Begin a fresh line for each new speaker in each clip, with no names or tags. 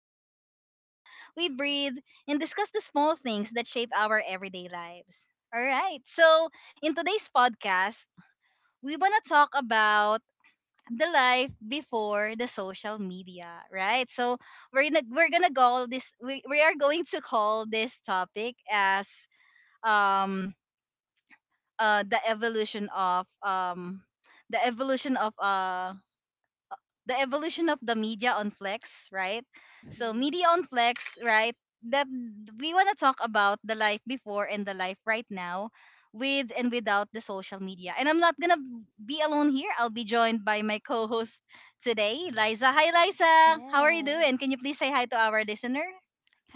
all slow down, we breathe, and discuss the small things that shape our everyday lives. All right, so in today's podcast, we want to talk about the life before the social media, right? So we're gonna call this, we are going to call this topic as um the evolution of the evolution of the evolution of the media on flex, right? So media
Mm-hmm.
on flex, right? That we want to talk about the life before and the life right now with and without the social media, and I'm not gonna be alone here. I'll be joined by my co-host today, Liza. Hi Liza, how are you
Yes.
doing? Can you please say hi to our listener?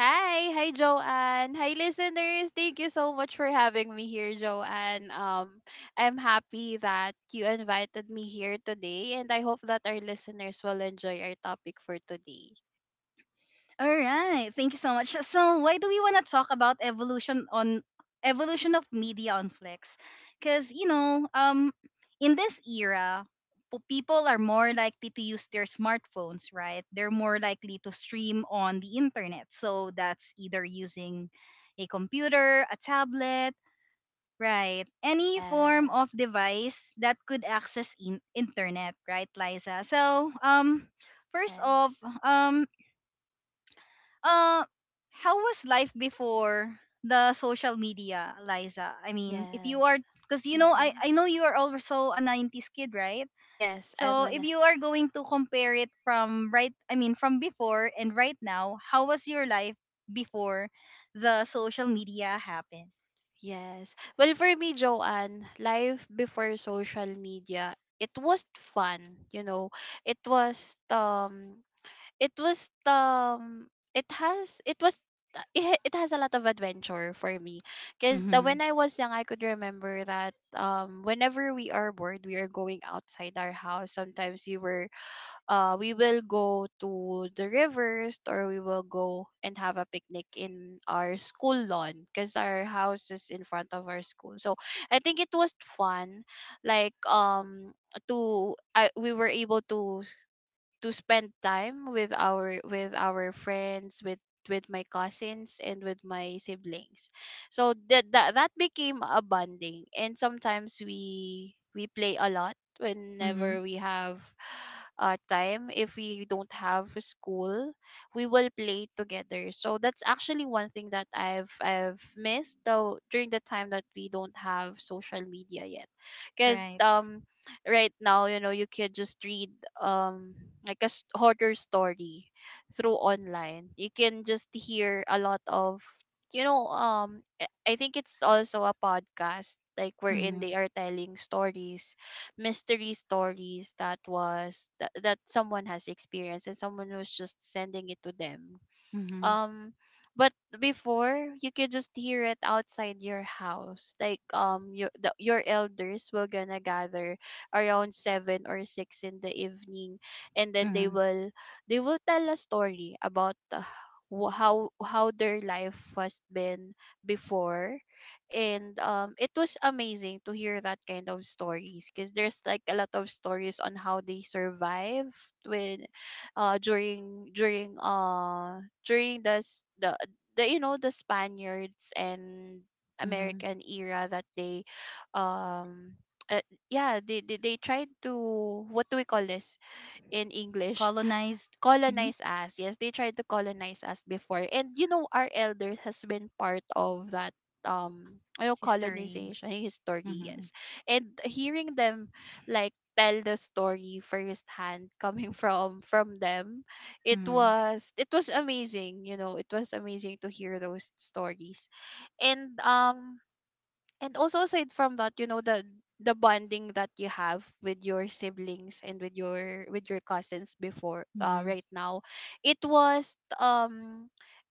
Hi Joanne. Hi listeners. Thank you so much for having me here, Joanne. I'm happy that you invited me here today, and I hope that our listeners will enjoy our topic for today.
All right. Thank you so much. So, why do we want to talk about evolution of media on Flex? Cuz, you know, in this era, people are more likely to use their smartphones, right? They're more likely to stream on the internet. So, that's either using a computer, a tablet, right? Any form of
Yes.
device that could access internet, right, Liza? So, first off,
Yes.
um uh, how was life before the social media, Liza? I mean, if you are,
Yes.
because you know, I
Mm-hmm.
I know you are also a '90s kid, right?
Yes, I'm
So if
an
you are going to compare it from right, I mean, from before and right now, how was your life before the social media happened?
yes. Well, for me, Joanne, life before social media, it was fun. You know, it was it was it has it was it has a lot of adventure for me, because
Mm-hmm.
when I was young, I could remember that whenever we are bored, we are going outside our house. Sometimes we were, we will go to the rivers, or we will go and have a picnic in our school lawn, because our house is in front of our school. So I think it was fun, like we were able to spend time with our friends, with my cousins, and with my siblings. So that became a bonding, and sometimes we play a lot
Mm-hmm.
whenever we have time. If we don't have school, we will play together. So that's actually one thing that I've missed, though, during the time that we don't have social media yet, because
Right.
right now, you could just read um like a horror story through online. You can just hear a lot of, I think, it's also a podcast like wherein
Mm-hmm.
they are telling stories mystery stories that someone has experienced and someone was just sending it to them.
Mm-hmm.
um but before, you could just hear it outside your house, like your your elders will gonna gather around 7 or 6 in the evening, and then they
Mm-hmm.
will they will tell a story about, how their life was been before. And it was amazing to hear that kind of stories, because there's like a lot of stories on how they survive, with during during during this the you know the Spaniards and
Mm-hmm.
American era that they, um uh, they tried to, what do we call this in English?
Colonized. Mm-hmm.
Colonize us. Yes, they tried to colonize us before. And you know, our elders has been part of that
History.
colonization history,
Mm-hmm.
yes. And hearing them like tell the story firsthand, coming from them, it
Mm-hmm.
was it was amazing, to hear those stories. And also, aside from that, you know, the bonding that you have with your siblings and with your cousins before, right now. It was um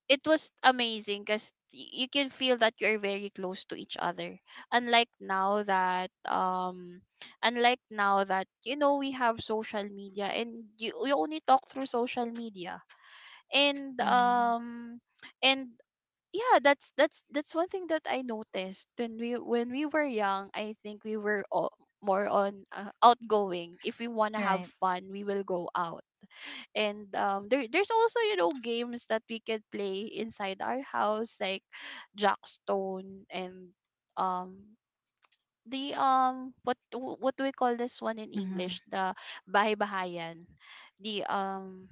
it was amazing because you can feel that you're very close to each other, unlike now that um unlike now that you know we have social media, and you only talk through social media. And
Mm-hmm.
and yeah that's one thing that I noticed. When we were young, I think we were all more on, outgoing. If we want to have
Right.
fun, we will go out. And there's also, you know, games that we can play inside our house, like jackstone, and um the what what do we call this one in English, the bahay bahayan, the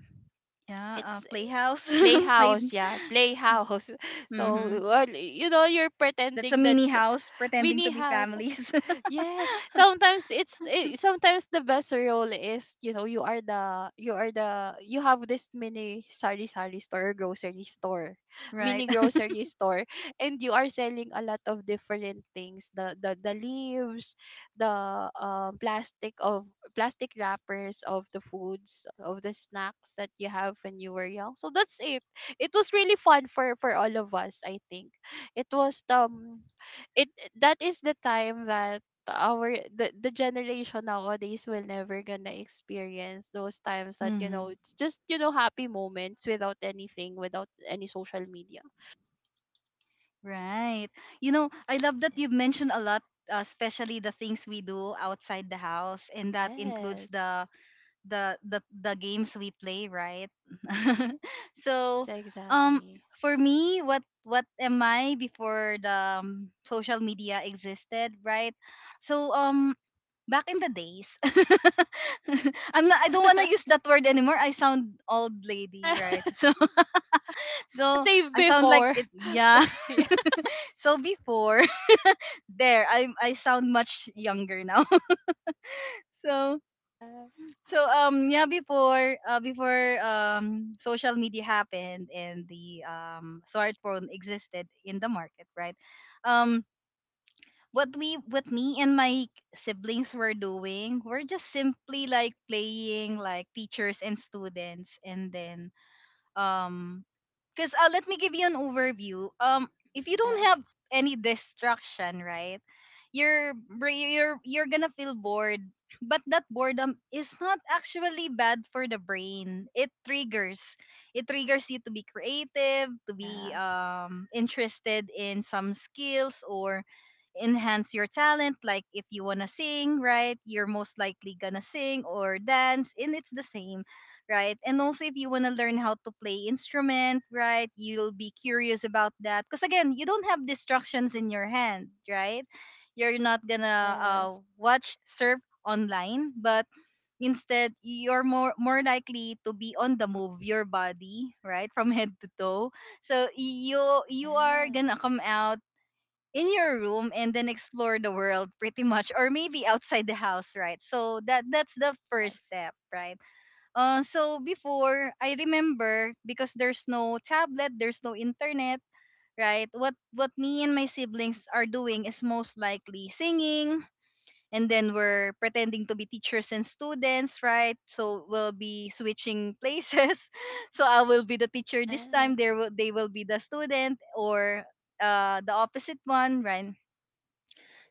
Yeah,
it's
playhouse. Played.
playhouse. Yeah, playhouse. So
Mm-hmm.
or, you're
That's a
pretending that,
mini house pretending
mini
to be
house.
families.
Yes, sometimes sometimes the best role is, you know you are the you are the you have this mini sari sari store, or grocery store,
Right.
mini grocery store, and you are selling a lot of different things, the the leaves, the plastic of plastic wrappers of the foods, of the snacks that you have when you were young. So that's it. It was really fun for all of us, I think. It was it that is the time that the generation nowadays will never gonna experience those times, that,
Hmm.
it's just, happy moments without anything, without any social media.
Right. You know, I love
That's
that
it.
you've mentioned a lot, especially the things we do outside the house, and that includes
Yes.
the the games we play, right? So,
Yes,
um,
exactly.
for me, what am I before the social media existed, right? So, back in the days, I'm not, I don't want to use that word anymore. I sound old lady,
Yeah.
right? So
Just
so
save
I sound like
before.
it, yeah. So before there I sound much younger now. So
Yes.
so yeah before before social media happened and the smartphone existed in the market, right? Um what we what me and my siblings were doing, we're just simply like playing like teachers and students, and then um because let me give you an overview. If you don't
Yes.
have any distraction, right, you're you're gonna feel bored. But that boredom is not actually bad for the brain. It triggers you to be creative, to be
Yeah.
interested in some skills or enhance your talent, like if you want to sing, right? You're most likely gonna sing or dance, and it's the same, right? And also if you want to learn how to play instrument, right? You'll be curious about that because again you don't have distractions in your hand, right? You're not gonna
Yes.
watch surf online, but instead you're more likely to be on the move your body, right? From head to toe, so you are gonna
Yes.
come out in your room and then explore the world pretty much, or maybe outside the house, right? So that that's the first
Yes.
step, right? So before I remember, because there's no tablet, there's no internet, right? What me and my siblings are doing is most likely singing, and then we're pretending to be teachers and students, right? So we'll be switching places. So I will be the teacher this time, there
Yes.
will they will be the student, or the opposite one, right?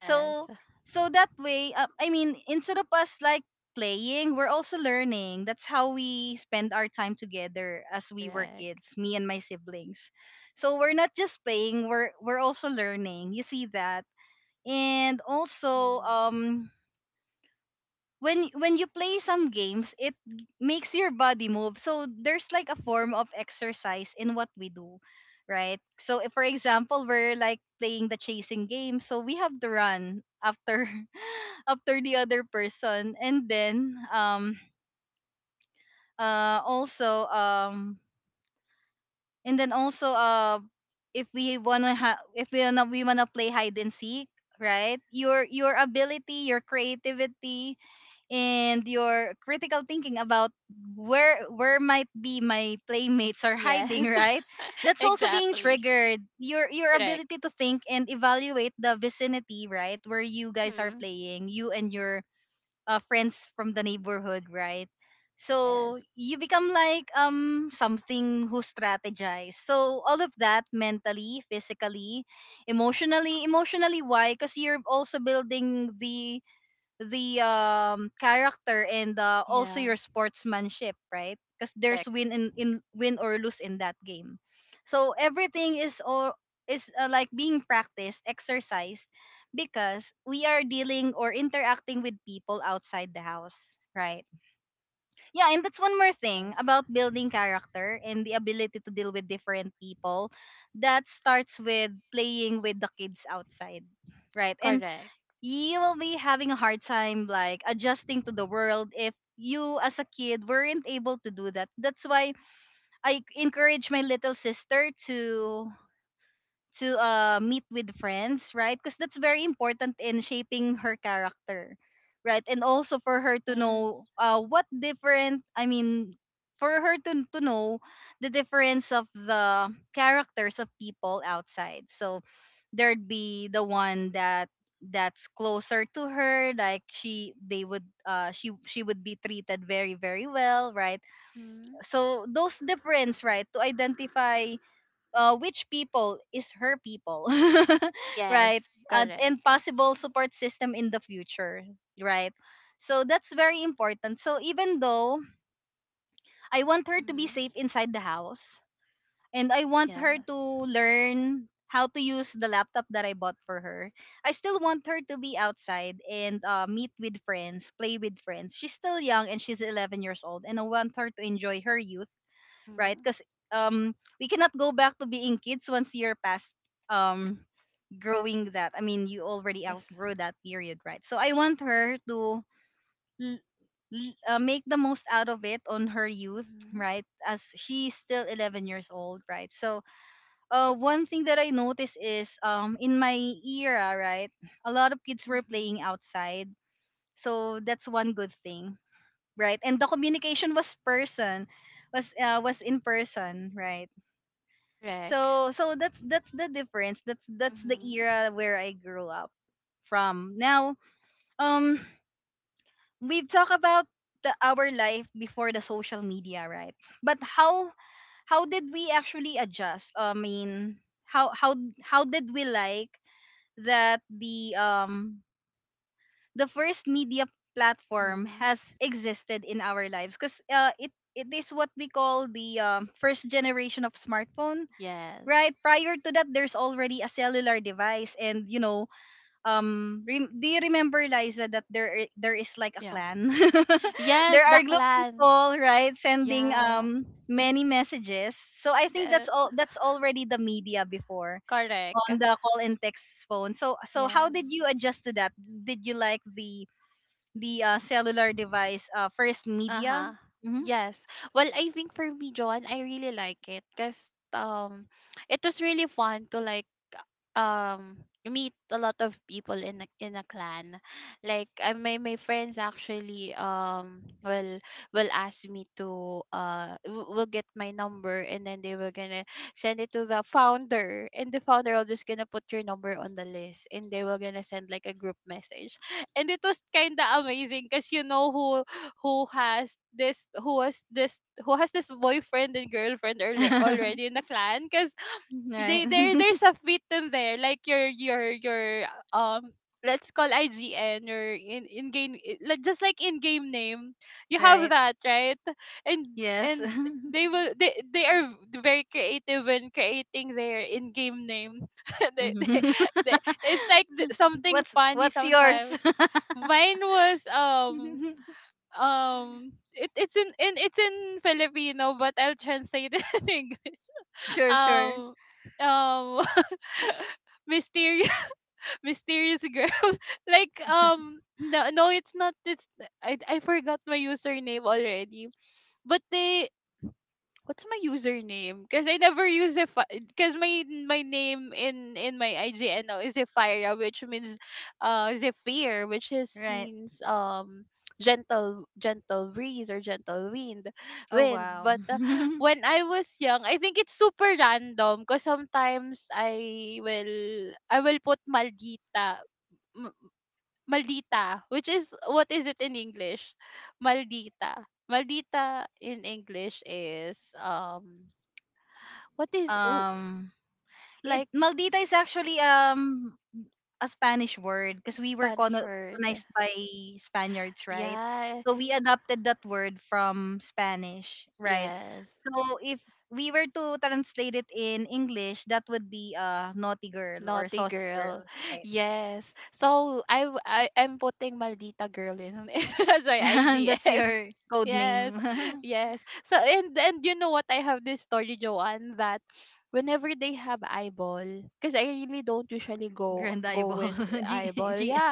So so that way, I mean instead of us like playing, we're also learning. That's how we spend our time together as we were
Correct.
kids, me and my siblings. So we're not just playing, we're also learning, you see that. And also
Hmm.
when you play some games, makes your body move. So there's like a form of exercise in what we do, right? So if, for example, we're like playing the chasing game, so we have to run after after the other person, and then also and then also if we wanna if we wanna play hide and seek, right? Your ability, your creativity and your critical thinking about where might be my playmates are hiding,
Yes.
right? That's also being
Exactly.
triggered, your
Correct.
ability to think and evaluate the vicinity, right? Where you guys are
Mhm.
playing, you and your friends from the neighborhood, right? So
Yes.
you become like something who strategize. So all of that, mentally, physically, emotionally. Why? Because you're also building the character and also
Yeah.
your sportsmanship, right? Because there's
Correct.
win in win or lose in that game. So everything is all is like being practiced, exercised, because we are dealing or interacting with people outside the house, right? Yeah, and that's one more thing
Yes.
about building character and the ability to deal with different people, that starts with playing with the kids outside, right? And
Correct.
you will be having a hard time like adjusting to the world if you as a kid weren't able to do that. That's why I encourage my little sister to to meet with friends, right? Because that's very important in shaping her character, right? And also for her to know
Yes.
what different, I mean, for her to know the difference of the characters of people outside. So there'd be the one that that's closer to her, like she they would she would be treated very very well, right?
Mhm.
So those difference, right, to identify which people is her people, right?
Yes.
And
Correct.
possible support system in the future, right? So that's very important. So even though I want her to be
Mhm.
safe inside the house and I want her to
Yes.
learn how to use the laptop that I bought for her, I still want her to be outside and meet with friends, play with friends. She's still young, and she's 11 years old, and I want her to enjoy her youth, right?
Mhm.
Because um, we cannot go back to being kids once you're past um growing that. I mean, you already
Yes.
outgrow that period, right? So I want her to l- make the most out of it on her youth,
Mhm.
right? As she's still 11 years old, right? So one thing that I noticed is in my era, right, a lot of kids were playing
Mhm.
outside. So that's one good thing, right? And the communication was person was in person, right?
Correct.
So so that's the difference. That's the
Mhm.
era where I grew up from. Now, um we've talked about our life before the social media, right? But how did we actually adjust? I mean, how how how did we like that the first media platform
Mhm.
has existed in our lives, because it it is what we call the first generation of smartphone,
Yes.
right? Prior to that there's already a cellular device, and you know, do you remember, Liza, that there there is like a
Yeah.
clan?
Yes,
There
the
are group
clan.
people, right, sending
Yeah.
many messages. So I think that's
Yes.
all, that's already the media before,
Correct.
on the call and text phone. So so how
Yes.
did you adjust to that? Did you like the the cellular device, first media?
Uh-huh.
Hmm.
Yes. Well, I think for me, John, I really like it, because um it was really fun to like um meet a lot of people in a clan, like I, my friends actually will ask me to w- will get my number, and then they were gonna send it to the founder, and the founder will just gonna put your number on the list, and they were gonna send like a group message. And it was kind of amazing, because you know who has this who has this who has this boyfriend and girlfriend already in the clan. Cause
Right.
they there there's a fit in there, like your um let's call IGN, or in game, like just like in game name. You have
Right.
that, right. and
Yes.
and they will they are very creative when creating their in game name. they, they,
Mhm.
they, it's like something funny
What's yours?
sometimes. Mine was it's in Filipino, but I'll translate it in
Sure, sure.
um um mysterious mysterious girl. Like, no, no, it's not. It's, I forgot my username already. But, they what's my username? Because I never use it. Because my name in my IGN now is Zephyra, which means Zephyr, which is
Right.
means, gentle, breeze or gentle wind
Oh
wind
wow.
but uh, when I was young, I think it's super random, because sometimes I will put maldita. M- Maldita, which is, what is it in English? Maldita in English is, what is, oh,
um it
like,
maldita is actually a Spanish word, because we were
Spanish word?
colonized by Spaniards, right?
Yeah,
So we adopted that word from Spanish, right?
yes.
So if we were to translate it in English, that would be naughty girl or
Naughty
saucy
girl.
girl, right?
Yes. So I am putting Maldita girl in, as my
That's
IGN.
your code
Yes.
name.
Yes. So, and you know what, I have this story, Joanne, that whenever they have eyeball, because I really don't usually go
Grand
go
eyeball.
with
G
eyeball.
G
Yeah.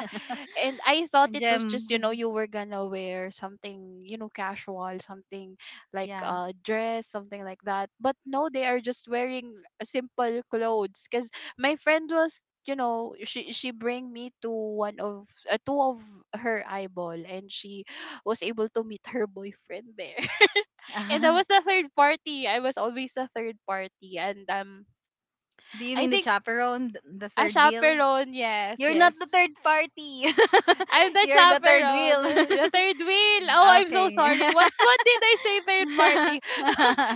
And I thought it was just,
Gem.
you were gonna wear something, casual, something like
Yeah.
a dress, something like that. But no, they are just wearing simple clothes, because my friend was you know she bring me to one of, two of her eyeball, and she was able to meet her boyfriend there. And I was the third party, I was always the third party. And
Do you
I
mean the
think,
chaperone, the
a
third wheel?
chaperone? Yes,
You're not the
yes,
third party.
I'm the
You're the third
chaperone,
wheel.
the third wheel. Oh, I'm so sorry,
Okay.
what did I say? Third party?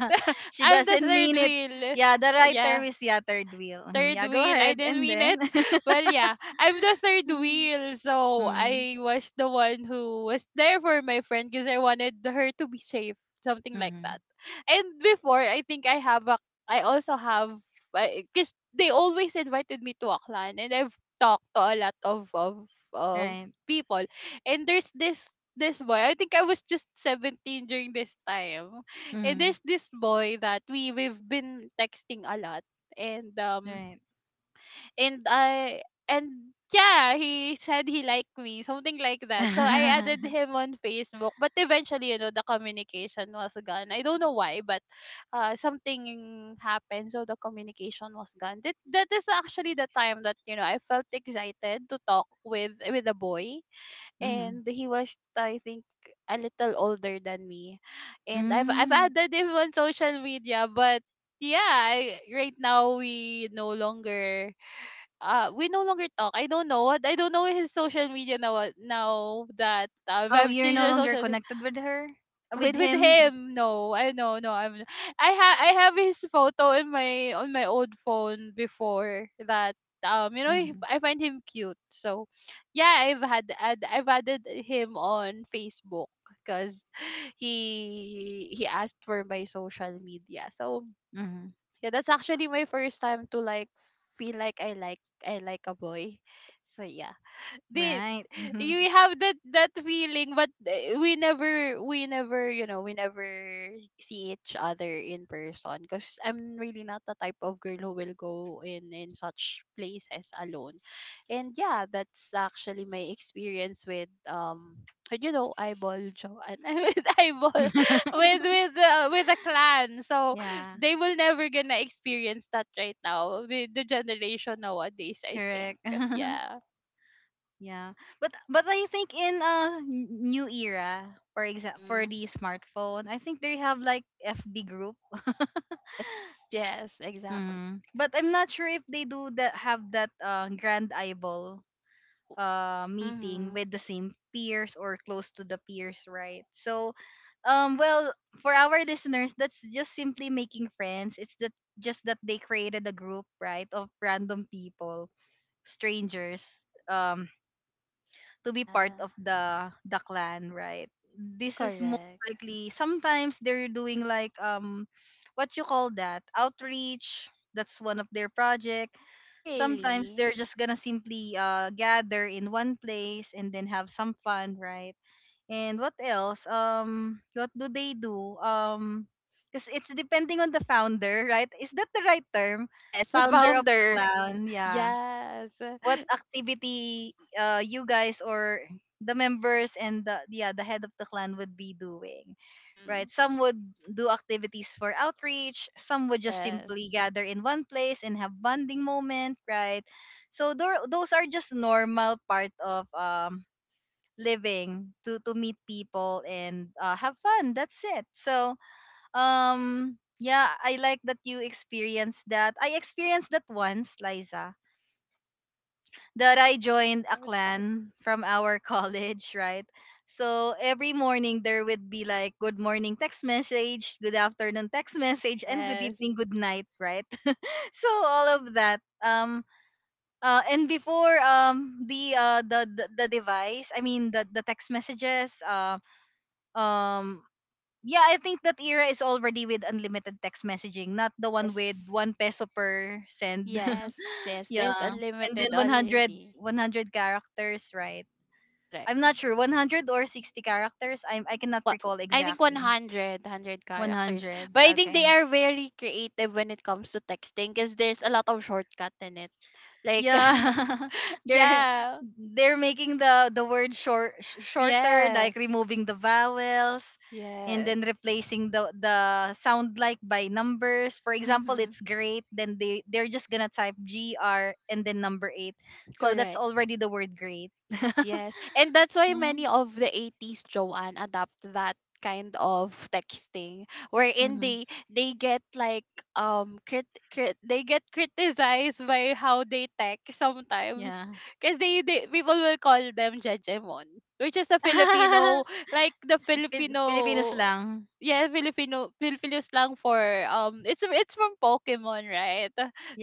She
I'm the
doesn't
third
mean it.
wheel,
Yeah, the right
yeah,
term is yeah, third wheel. Mhm.
third
Yeah, go
wheel. I
ahead
didn't
and
mean
then.
it. Well, yeah, I'm the third
Mm.
wheel. So
Mm.
I was the one who was there for my friend, because I wanted her to be safe, something like that.
Mhm.
And before, I think I also have, because they always invited me to Aklan, and I've talked to a lot of
Right.
people. And there's this boy, I think I was just 17 during this time. And
Mm.
there's this boy that we've been texting a lot, and um
Right.
and I and yeah, he said he liked me, something like that. So I added him on Facebook, but eventually, the communication was gone. I don't know why, but, something happened, so the communication was gone. That is actually the time that, I felt excited to talk with a boy,
Mhm.
and he was, I think, a little older than me. And I've
Mm.
added him on social media, but, yeah, right now, we no longer talk. I don't know what. I don't know his social media now. Now that,
Oh,
I've
you're
changed
no
our
longer
social —
connected with her, uh, with
With
him.
him, no, I no, no. I'm I ha I have his photo in my on my old phone before that.
Mm-hmm.
I find him cute. So, yeah, I've added him on Facebook, because he asked for my social media. So,
Mm-hmm.
yeah, that's actually my first time to like feel like I like a boy. So yeah, did
Right.
you have that feeling? But we never see each other in person, because I'm really not the type of girl who will go in such places alone. And yeah, that's actually my experience with and you know eyeball jo- and with eyeball with a clan. So
Yeah.
they will never gonna experience that right now, the generation nowadays, I think.
Correct.
Yeah.
Yeah. But I think in a new era, for example, for
Mhm.
the smartphone, I think they have like FB group.
Yes, exactly.
Mm-hmm. But I'm not sure if they do that have that grand eyeball meeting
Mm-hmm.
with the same peers or close to the peers, right? So um well for our listeners, that's just simply making friends. It's that just that they created a group, right, of random people, strangers, um to be part
Yeah,
of the clan, right? This is most
correct.
likely sometimes they're doing like what you call that, outreach. That's one of their project.
Oh,
Sometimes
really?
they're just gonna simply gather in one place and then have some fun, right? And what else, what do they do, because it's depending on the founder, right? Is that the right term?
Yes, the
Founder of the
founder.
clan. Yeah,
Yes.
what activity you guys or the members and the, yeah, the head of the clan would be doing,
Mm-hmm.
right? Some would do activities for outreach, some would just
Yes.
simply gather in one place and have bonding moment, right? So those are just normal part of living to meet people and, have fun, that's it. So yeah, I like that you experienced that. I experienced that once, Liza, that I joined a
Yes.
clan from our college, right? So every morning there would be like good morning text message, good afternoon text message, and good
Yes.
evening, good night, right? So all of that. And before the device, I mean the text messages, um yeah, I think that era is already with unlimited text messaging, not the one with
Yes.
1 peso per send.
Yes. Yes. There's
Yeah, and
unlimited
then one hundred
already.
one hundred characters, right?
Correct.
I'm not sure 100 or 60 characters. I cannot
What
recall
I think
exactly.
100 characters.
100.
But I think
Okay.
they are very creative when it comes to texting, because there's a lot of shortcut in it. Like,
Yeah. they're
yeah.
they're making the word short shorter, like
Yes.
removing the vowels and
Yes.
then replacing the sound like by numbers. For example,
Mm-hmm.
it's great, then they're just going to type gr and then number 8. So that's
Correct.
already the word great.
Yes. And that's why many
Mhm.
of the 80s Joanne adopt that kind of texting, wherein
Mhm.
they get like um crit, crit, they get criticized by how they text sometimes,
Yeah.
because they people will call them jejemon, which is a filipino, like the
Filipinos
filipino,
lang.
yeah, filipino, slang for um, it's from pokemon, right?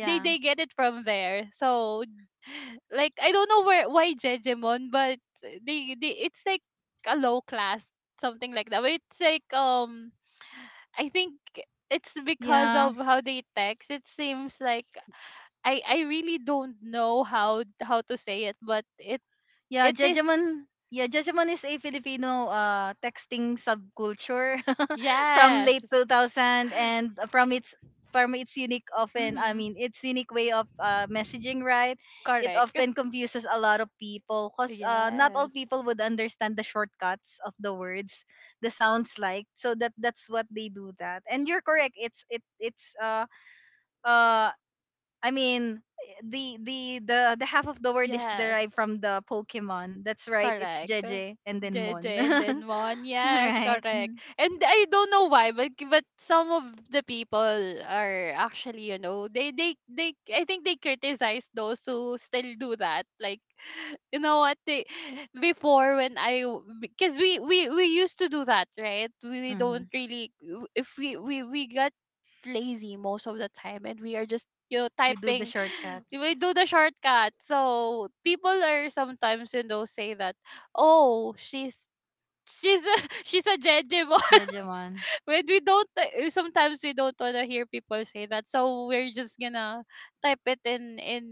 they they get it from there. So like I don't know where, why Jejemon, but they it's like a low class, something like that. But it's like, um, I think it's because
Yeah.
of how they text. It seems like I really don't know how to say it, but it
Yeah,
it is,
Judgment. Yeah, Judgment is a Filipino texting subculture from
yes.
late 2000, and from its unique often, I
Mhm.
mean, its unique way of, messaging, right? It
Correct.
often confuses a lot of people, cuz, not all
Yes.
people would understand the shortcuts of the words, the sounds like. So that's what they do that. And you're correct, it's uh I mean, the half of the word is
Yes.
derived from the Pokemon. That's right. It's
Correct.
Jeje and then
J
Mon.
J, and then one.
All
Yes,
right.
correct. And I don't know why, but some of the people are actually, you know, they I think they criticize those who still do that. Like, you know what they, before when I, because we used to do that, right? We
Mm-hmm.
don't really, if we got lazy most of the time, and we are just, you know,
We do the
typing. We
shortcuts.
do the shortcut. So people are sometimes, you know, say that, oh, she's a she's a Jeje,
Jejemon.
when we don't, sometimes we don't wanna hear people say that, so we're just gonna type it in in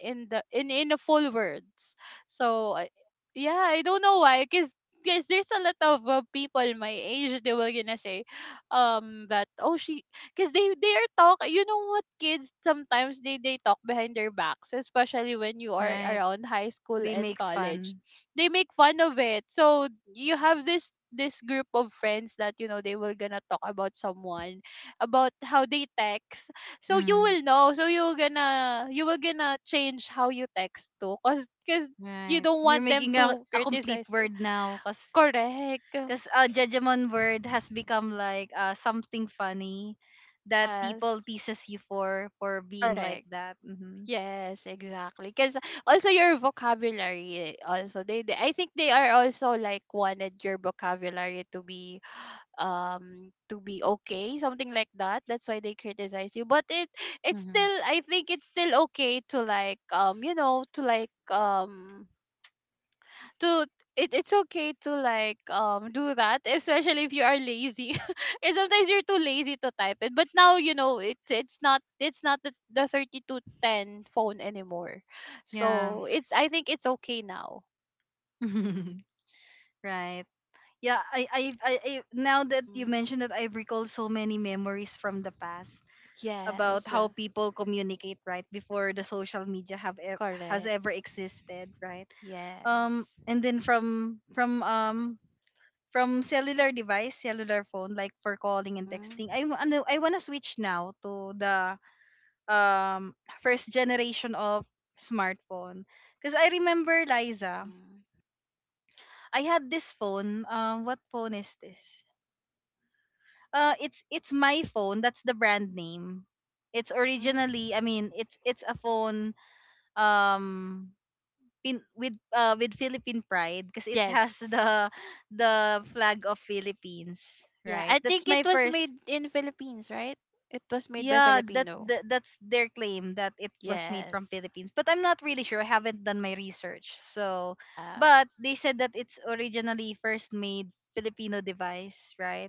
in the in in the full words. So I- yeah, I don't know why, cause. Because there's a lot of people my age, they were gonna say, that oh she, because they are talk. You know what, kids sometimes they talk behind their backs, especially when you are
Right.
around high school
They
and
make
college.
fun.
They make fun of it. So you have this group of friends that, you know, they were gonna talk about someone about how they text. So you
Mm,
will know, so you're gonna, you will gonna change how you text too, because you
right.
don't
You're
want them
making a,
to
a complete
criticize.
word now, cuz
Correct.
cuz Jejemon word has become like, something funny that people
Yes.
teases you for being like
Correct.
that. Hmm.
Yes, exactly. Because also your vocabulary, also I think they are also like wanted your vocabulary to be okay, something like that. That's why they criticize you. But it's
Mm-hmm.
still, I think it's still okay to like, you know, to like, to it, it's okay to like do that, especially if you are lazy and sometimes you're too lazy to type it. But now, you know, it's not the 3210 phone anymore.
Yeah.
So it's, I think it's okay now.
Right. Yeah, I, now that you
Hmm.
mentioned that, I've recalled so many memories from the past about
Yes.
how people communicate, right, before the social media have has ever
Correct.
existed, right?
Yes.
And then from cellular device, cellular phone, like for calling and texting.
Mm-hmm.
I wanna switch now to the um first generation of smartphone because I remember, Liza, I had this phone. What phone is this? It's my phone. That's the brand name. It's
Hmm.
originally, I mean, it's a phone, um with with Philippine pride because it has
Yes.
the flag of Philippines,
Yeah,
right?
I
That's
think it
my
was
first.
made in Philippines, right? It was made by
Yeah, that,
filipino.
that that's their claim that it was made
Yes.
from Philippines. But I'm not really sure. I haven't done my research. So,
Yeah.
but they said that it's originally first made Filipino device, right?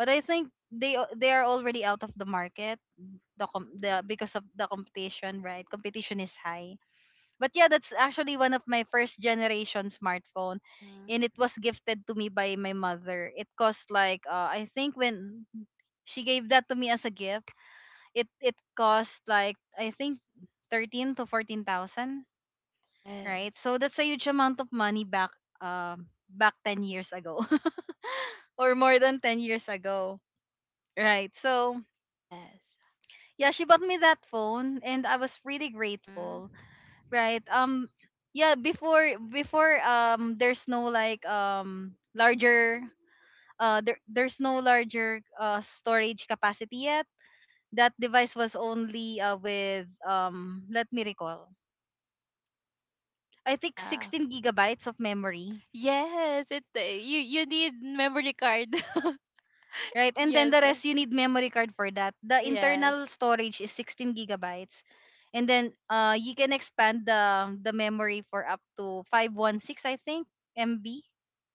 But I think they they are already out of the market, the com- the because of the competition, right? Competition is high. But yeah, that's actually one of my first generation smartphone, and
Mhm.
it was gifted to me by my mother. It cost like, I think when she gave that to me as a gift, it cost like I think 13 to 14,000, right?
Yes.
So that's a huge amount of money back back 10 years ago, or more than 10 years ago. Right. So
Yes.
yeah, she bought me that phone and I was really
Mm.
grateful, right? Yeah, before there's no like larger there's no larger storage capacity yet. That device was only with, let me recall, I think
Yeah.
16 gigabytes of memory.
Yes, it you you need memory card.
Right? And then the
Yes.
rest you need memory card for that. The
Yes.
internal storage is 16 gigabytes. And then you can expand the memory for up to 516, I think, MB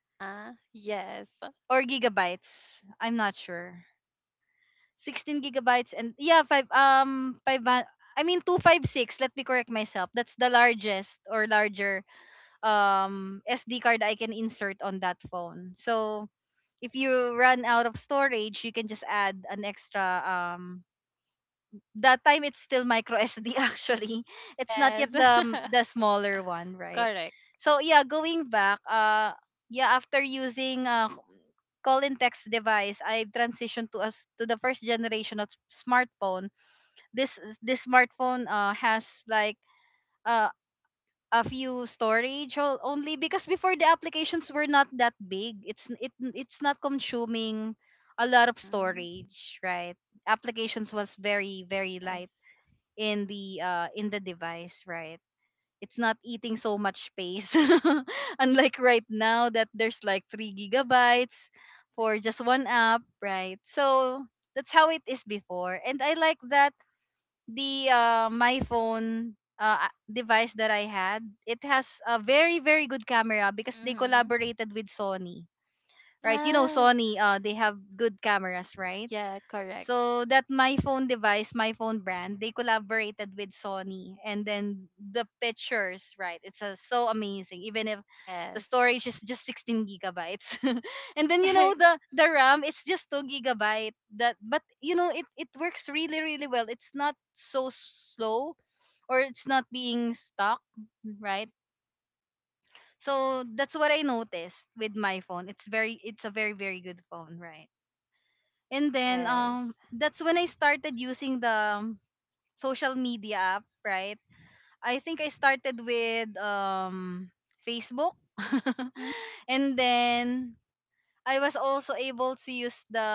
Uh-huh. Yes.
or gigabytes. I'm not sure. 16 gigabytes, and yeah, 5, 5 I mean 256, let me correct myself. That's the largest or larger, SD card I can insert on that phone. So if you run out of storage, you can just add an extra. That time it's still micro SD actually. It's not yet
Yes.
the smaller one, right?
Correct.
So yeah, going back, yeah, after using call and text device, I transitioned to the first generation of smartphone. This this smartphone has like uh a few storage only because before the applications were not that big. It's n- it it's not consuming a lot of
Mhm.
storage, right? Applications was very very
Yes.
light in the device, right? It's not eating so much space. Unlike right now that there's like 3 gigabytes for just one app, right? So that's how it is before. And I like that the my phone, device that I had, it has a very very good camera because they
Mhm.
collaborated with Sony, right? You know
Yes.
Sony, they have good cameras, right?
Yeah, correct.
So that my phone device, my phone brand, they collaborated with Sony, and then the pictures, right? It's so amazing, even if the
Yes.
storage is just 16 gigabytes, and then you know
Correct.
the RAM, it's just 2 gigabyte. That, but you know it works really really well. It's not so slow, or it's not being stuck, right? So that's what I noticed with my phone. It's very it's a very very good phone, right? And then
Yes.
that's when I started using the, social media app, right? I think I started with Facebook.
Mm.
And then I was also able to use the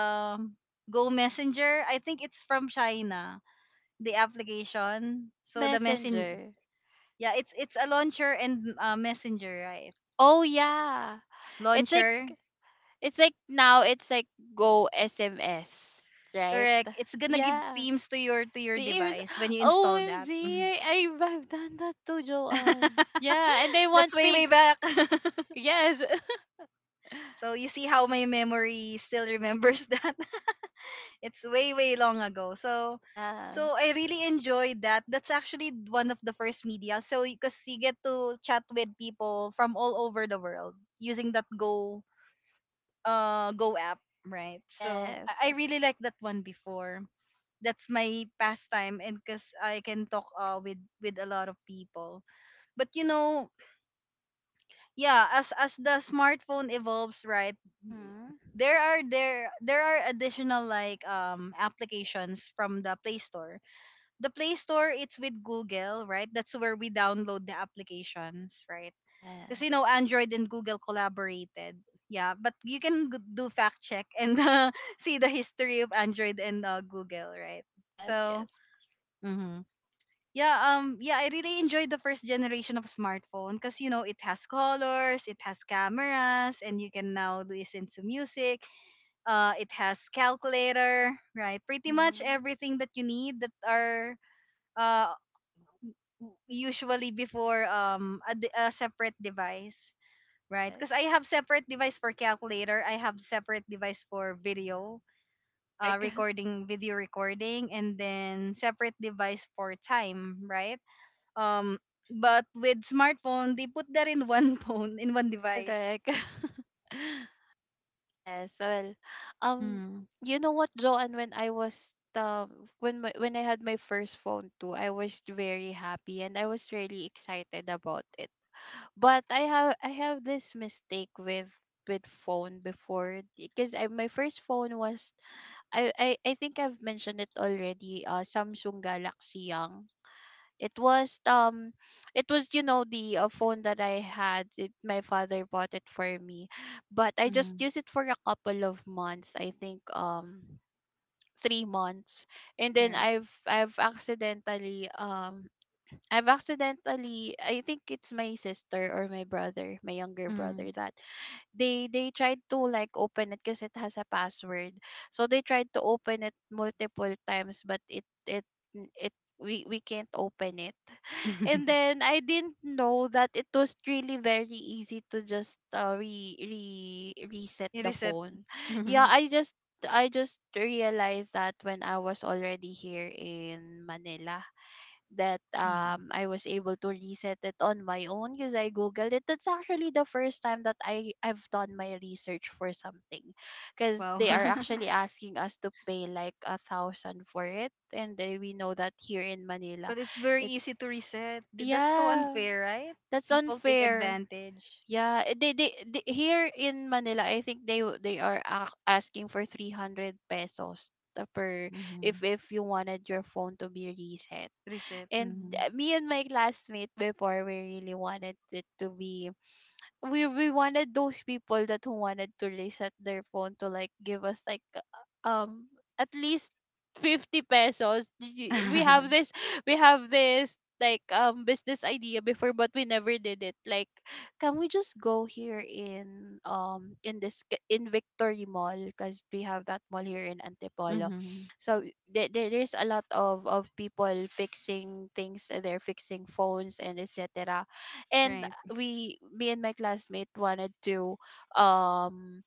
Go Messenger. I think it's from China, the application.
Go
So the messen
Messenger.
yeah, it's a launcher and, messenger, right?
Oh yeah. It's like
Launcher.
it's like now it's like Go SMS, right?
Correct. It's gonna give
Yeah.
themes to your
The ears.
device when you
O
install
M,
that.
have I've done that to Joanne. Yeah, and I
That's
want
way, way
pink.
back.
Yes.
So you see how my memory still remembers that. It's way, way long ago. So
Yes.
I really enjoyed that. That's actually one of the first media. So because you get to chat with people from all over the world using that Go app, right? So
Yes.
I really like that one before. That's my pastime, and because I can talk, with a lot of people. But, yeah, as the smartphone evolves, right,
Mm-hmm.
there are there are additional like applications from the play store. The play store, it's with Google, right? That's where we download the applications, right? Because
Yes.
Android and Google collaborated. Yeah, but you can do fact check, and see the history of Android and, Google, right?
Yes.
So,
Yes.
mhm. Yeah, yeah, I really enjoyed the first generation of smartphone because it has colors, it has cameras, and you can now listen to music. It has calculator, right? Pretty much
Mm-hmm.
everything that you need that are, uh usually before, a separate device, right? Because
Yes.
I have separate device for calculator, I have separate device for video.
Correct.
Recording video recording, and then separate device for time, right, um, but with smartphone, they put that in one phone, in one device.
Correct. Yes. Well, um,
Mm.
you know what, Joanne? When I was when my, when I had my first phone too, I was very happy and I was really excited about it. But I have this mistake with phone before, because I, my first phone was, I think I've mentioned it already, uh, Samsung Galaxy Young. It was um, it was, you know, the phone that I had it, my father bought it for me, but I just
Mm.
used it for a couple of months, I think, um, 3 months. And then
Right?
I've accidentally I've accidentally, I think it's my sister or my brother, my younger brother,
Mm.
that they tried to like open it because it has a password. So they tried to open it multiple times, but it we can't open it. And then I didn't know that it was really very easy to just re re reset
You
the
reset.
phone. Yeah,
Mm.
I just realized that when I was already here in Manila, that
Mm.
um, I was able to reset it on my own because I googled it. That's actually the first time that I've done my research for something, because
Wow.
they are actually asking us to pay like a thousand for it. And then we know that here in Manila,
But it's very
it's,
easy to reset. That's so
yeah,
unfair, right?
that's
People take
unfair.
advantage.
Yeah, eh, they here in Manila, I think they are ac- asking for 300 pesos the per,
Mm.
if you wanted your phone to be reset.
Reset.
And
Mm.
me and my classmate before, we really wanted it to be, we wanted those people that who wanted to reset their phone to like give us like um at least 50 pesos. Y-
Mm.
we have this like business idea before, but we never did it. Like, can we just go here in um, in this k- in Victory Mall, because we have that mall here in Antipolo. So there's a lot of people fixing things, they're fixing phones and etc. And
Right.
we me and my classmate wanted to um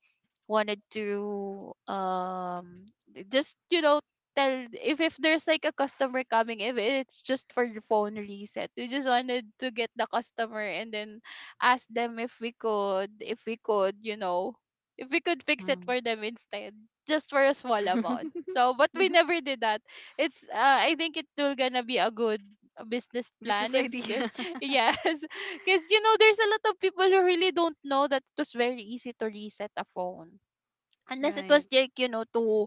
wanted to um just, you know, tell if there's like a customer coming, if it's just for the phone reset, we just wanted to get the customer and then ask them if we could, if we could, you know, if we could fix it
Mm.
for them instead, just for a small amount. So but we never did that. It's I think it will gonna be a good business
Business
plan, if,
idea.
yes. Because, you know, there's a lot of people who really don't know that it was very easy to reset a phone, unless it was
Right.
like, you know, too,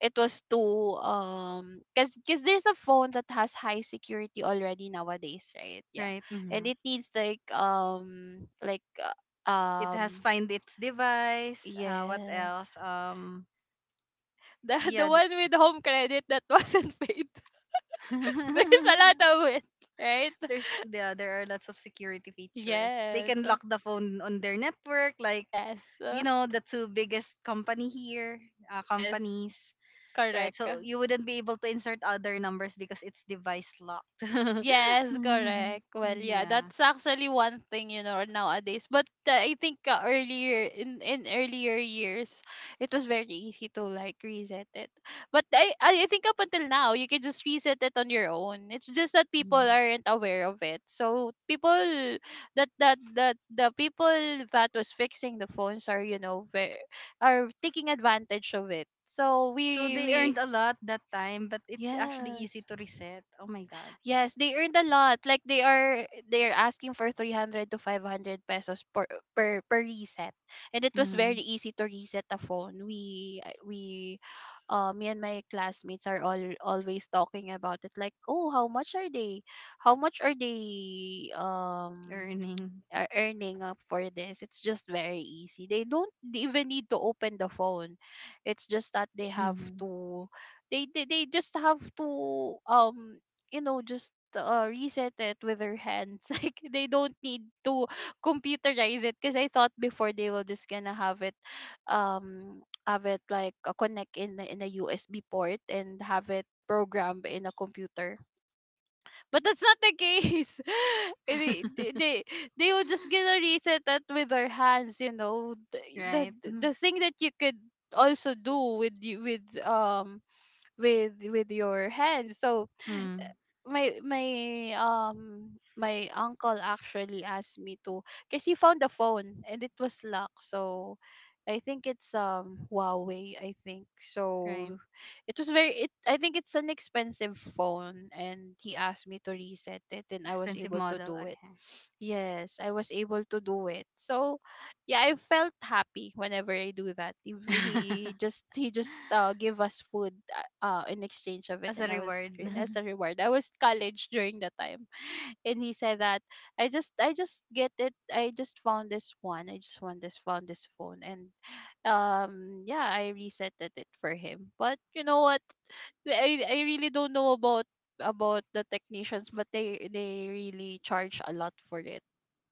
it was too um, because there's a phone that has high security already nowadays, right? Yeah.
Right.
And
Mm.
it needs like uh,
It has
um
find its device. What
yes,
else?
the the
Yeah.
one with home credit that wasn't paid. There's a lot of it, right?
There's yeah, there are lots of security features. They
Yes.
can lock the phone on their network, like,
Yes.
the two biggest company here,
Yes,
companies, right?
correct.
So you wouldn't be able to insert other numbers because it's device locked.
Yes, correct. Well, yeah,
Yeah.
that's actually one thing, you know, nowadays. But I think earlier, in earlier years, it was very easy to like reset it. But I think up until now, you can just reset it on your own. It's just that people
Mhm.
aren't aware of it. So people that that that the people that was fixing the phones are, you know, very, are taking advantage of it. So
So they earned
we
a lot that time, but it's actually easy
yes.
to reset. Oh my god.
Yes, they earned a lot. Like they are asking for 300 to 500 pesos per reset. And it was very
Mm,
easy to reset a phone. We I- we me and my classmates are all always talking about it, like, "Oh, how much are they? How much are they
earning.
are earning up for this. It's just very easy. They don't even need to open the phone. It's just that
Hmm.
they just have to, um, you know, just reset it with their hands. Like they don't need to computerize it, because I thought before, they will just gonna have it um like, connect in a USB port and have it programmed in a computer. But that's not the case. they, they, they they will just gonna reset it with their hands, you know.
Right. Mm-hmm.
The thing that you could also do with you with your hands. So
Mm,
my my um my uncle actually asked me to, because he found the phone and it was locked. So I think it's um, huawei, I think so.
right.
It was very it, I think it's an expensive phone, and he asked me to reset it, and I was
Expensive
able to
model.
do it. Yes, I was able to do it. So yeah, I felt happy whenever I do that. If
Okay.
He just, he just give us food in exchange of it.
As a
And I was
reward.
re- as a reward. I was college during that time, and he said that I just get it. I just found this one. I just want this found this phone. And yeah, I reset it for him. But you know what? I really don't know about the technicians, but they really charge a lot for it,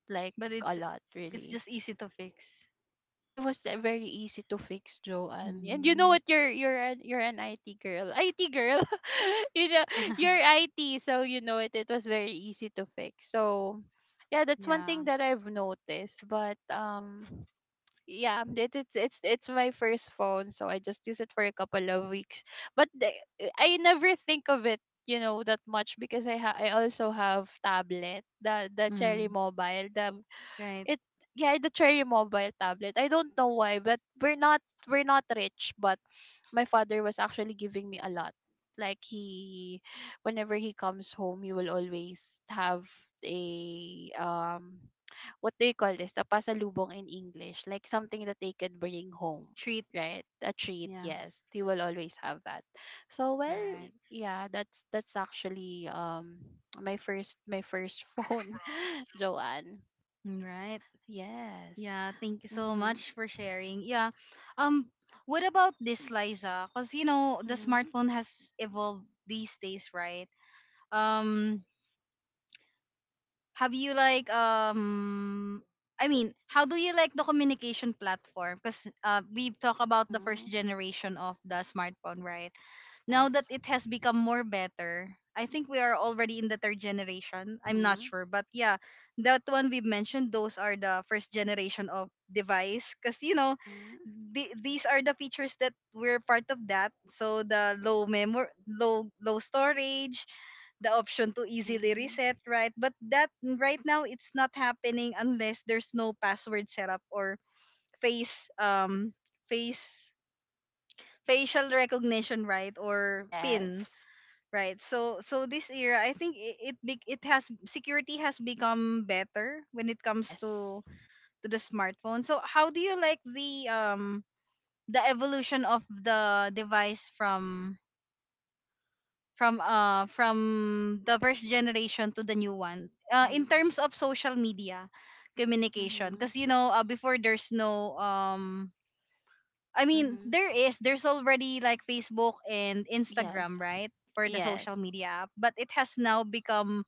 like
But
a
it's
lot
it's
really.
just easy to fix.
I was very easy to fix, Joanne. And you know
Mm.
what? You're an IT girl, IT girl. you know you're IT, so you know it. It was very easy to fix. So yeah, that's one thing
Yeah.
that I've noticed. But Yeah, it, it's my first phone, so I just use it for a couple of weeks. But the- I never think of it, that much because I also have tablet, the Cherry
Mm.
Mobile, the
Right.
it yeah, the Cherry Mobile tablet. I don't know why, but we're not rich, but my father was actually giving me a lot. Like he Whenever he comes home, he will always have a what do you call this? A pasalubong in English, like something that they could bring home,
Treat.
right? A treat,
Yeah.
yes. He will always have that. So well,
Right.
yeah, that's actually my first phone, Joanne.
Mm, right.
Yes.
Yeah. Thank you so
Mhm.
much for sharing. Yeah. Um. What about this, Liza? Cause you know the
Mhm.
smartphone has evolved these days, right? Um. Have you like How do you like the communication platform? Because we've talked about the first
Mhm.
generation of the smartphone, right? Now that
Yes.
it has become more better, I think we are already in the third generation. I'm not
Mhm.
sure, but yeah, that one we've mentioned. Those are the first generation of device, because you know,
Mhm.
these are the features that we're part of that. So the low memory, low storage, the option to easily
Mhm.
reset, right? But that right now it's not happening unless there's no password setup or face face facial recognition, right? Or pin,
Yes.
right? So this era, I think it has security has become better when it comes
Yes.
to the smartphone. So how do you like the evolution of the device from from the first generation to the new one in
Mhm.
terms of social media communication
Mhm.
because you know before there's no
Mhm.
there's already like Facebook and
Yes.
Instagram, right, for the
Yes.
social media app, but it has now become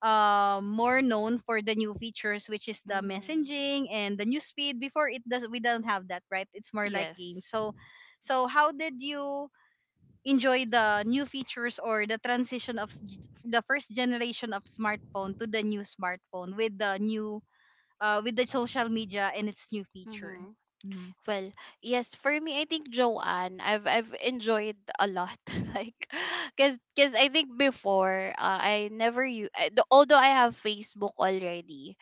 more known for the new features, which is the
Mhm.
messaging and the news feed. Before it does, we don't have that, right? It's more like
Yes.
games. So how did you enjoy the new features or the transition of the first generation of smartphone to the new smartphone with the new with the social media and its new feature?
Mhm.
hmm
Well, yes, for me I think, Joanne, I've enjoyed a lot like cuz I think before, I never you although I have Facebook already.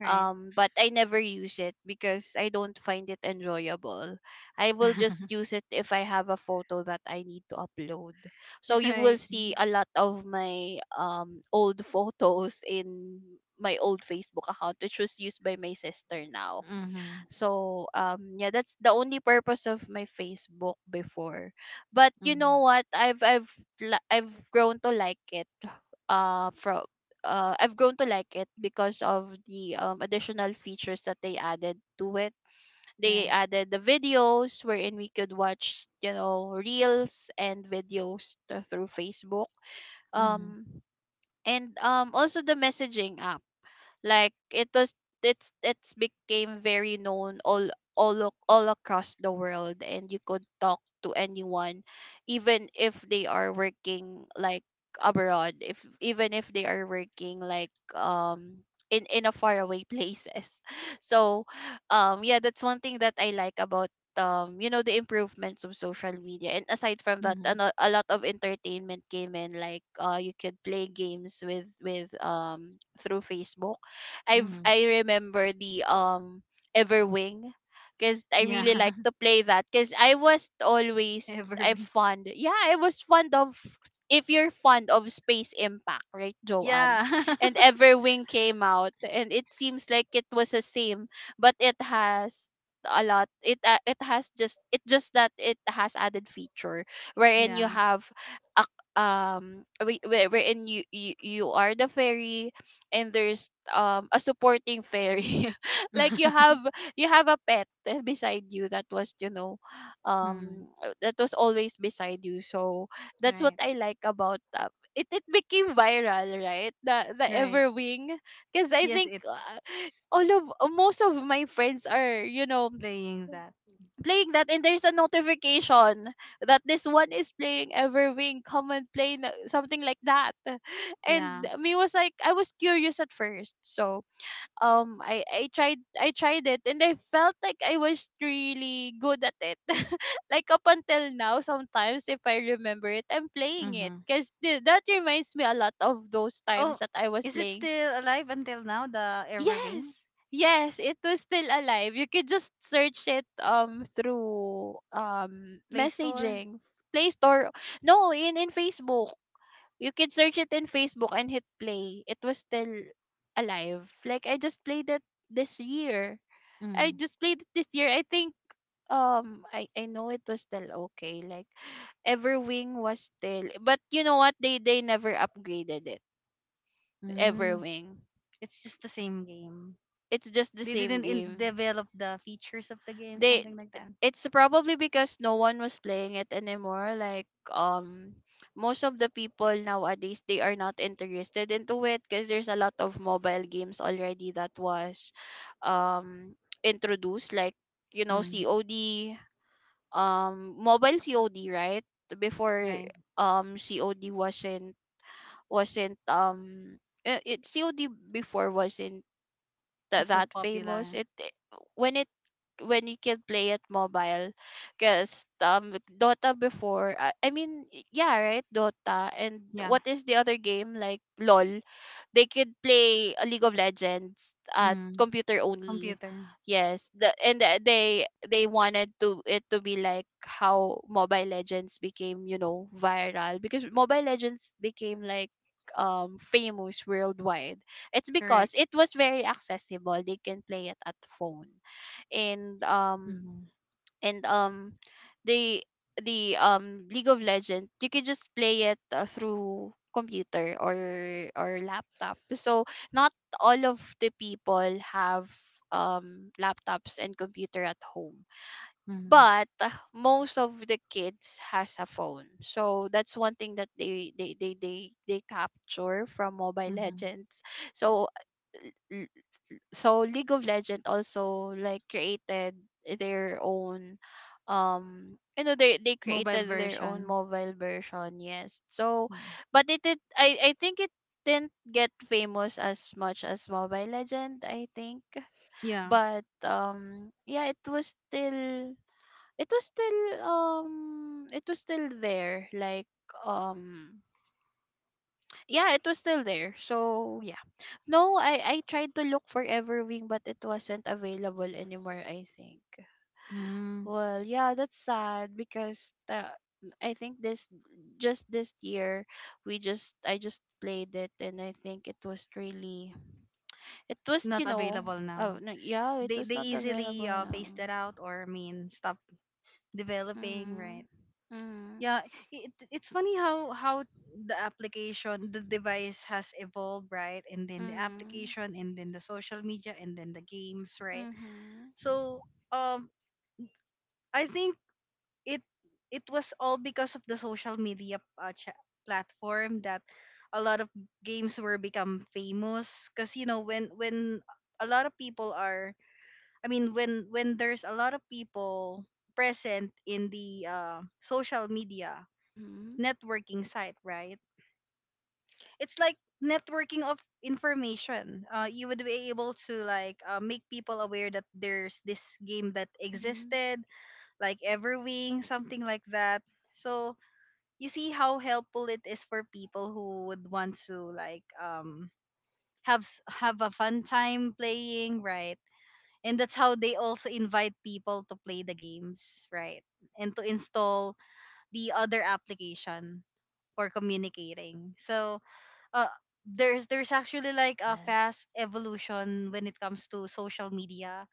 right.
But I never use it because I don't find it enjoyable. I will just use it if I have a photo that I need to upload. So you
Right.
will see a lot of my old photos in my old Facebook account, which was used by my sister now.
Mm-hmm.
So yeah, that's the only purpose of my Facebook before. But you
Mm-hmm.
know what? I've grown to like it. From I've grown to like it because of the additional features that they added to it. They
Right.
added the videos wherein we could watch, you know, reels and videos through Facebook.
Mm-hmm.
Um and also the messaging app, like it was, it's became very known, all across the world, and you could talk to anyone even if they are working, like, abroad, if even if they are working, like, in a faraway places. So yeah, that's one thing that I like about, you know, the improvements of social media. And aside from that,
Mm-hmm.
a lot of entertainment came in, like, uh, you could play games with through Facebook.
Mm-hmm.
I remember the Everwing, because I
Yeah.
really like to play that, because I was always
Ever.
I fond yeah, I was fond of, if you're fond of Space Impact, right, Joanne?
Yeah.
And Everwing came out and it seems like it was the same, but it has a lot, it has, just it just that it has added feature wherein you
Yeah.
have a wherein you you are the fairy, and there's, um, a supporting fairy. Like you have, you have a pet beside you, that was, you know,
Mm.
that was always beside you. So that's what
Right.
I like about, it it became viral, right, the
Right.
Everwing, because I
Yes,
think,
it.
all of most of my friends are, you know,
Playing that.
playing that, and there's a notification that this one is playing Everwing, come and play na- something like that. And
Yeah.
me was like, I was curious at first. So I tried, it, and I felt like I was really good at it. Like up until now sometimes if I remember it, I'm playing it,
Mm-hmm.
cuz that reminds me a lot of those times
Oh,
that I was
is it
playing.
still alive until now, the
Yes.
Everwing?
Yes, it was still alive. You could just search it, through,
Play Store?
messaging, Play Store. No, in Facebook. You could search it in Facebook and hit play. It was still alive. Like I just played it this year. I
Mm.
just played it this year, I think. I know it was still okay. Like Everwing was still, but you know what? they never upgraded it.
Mm.
Everwing.
It's just the same game.
It's just the
They
same
didn't
game.
develop the features of the game,
They
something like that.
It's probably because no one was playing it anymore. Like, most of the people nowadays, they are not interested into it because there's a lot of mobile games already that was, um introduced, like, you know,
Mm.
COD, mobile COD, right? Before,
Right.
COD wasn't it COD before wasn't
Was not
that famous.
popular.
When it, when you can play it mobile, because, Dota before, I mean, yeah, right, Dota, and
Yeah.
what is the other game, like LOL, they could play a League of Legends at
Mm.
computer only.
Computer.
Yes, they wanted to it to be like how Mobile Legends became, you know, viral, because Mobile Legends became, like, famous worldwide. It's because
Correct.
it was very accessible. They can play it at phone, and
Mm-hmm.
and um they the League of Legends, you can just play it, through computer or laptop, so not all of the people have, laptops and computer at home,
Mm-hmm.
but, most of the kids has a phone, so that's one thing that they capture from Mobile
Mm-hmm.
Legends. So, so League of Legend also like created their own, you know, they
Mobile
created their own
version.
mobile version, yes. So
Mm.
but it did I think it didn't get famous as much as Mobile Legend, I think.
Yeah.
But yeah, it was still it was still there, like, um yeah, it was still there. So yeah, no, I tried to look for Everwing, but it wasn't available anymore, I think.
Mm.
Well, yeah, that's sad because I think this, just this year, we just I just played it, and I think it was really, it was, you
Not
know,
available now.
no, yeah, it was
They
not
easily
available now.
phased that out, or I mean stop developing, right?
Mhm. Mhm.
Yeah, it's funny how the application, the device has evolved, right? And then the
Mhm.
application, and then the social media, and then the games, right?
Mhm.
So, um, I think it it was all because of the social media platform that a lot of games were become famous. Cause you know when a lot of people are, I mean when there's a lot of people present in the social media
Mhm.
networking site, right? It's like networking of information. You would be able to like make people aware that there's this game that
Mhm.
existed, like Everwing, something like that. So you see how helpful it is for people who would want to like have a fun time playing, right? And that's how they also invite people to play the games, right? And to install the other application for communicating. So uh there's actually like a
Yes.
fast evolution when it comes to social media,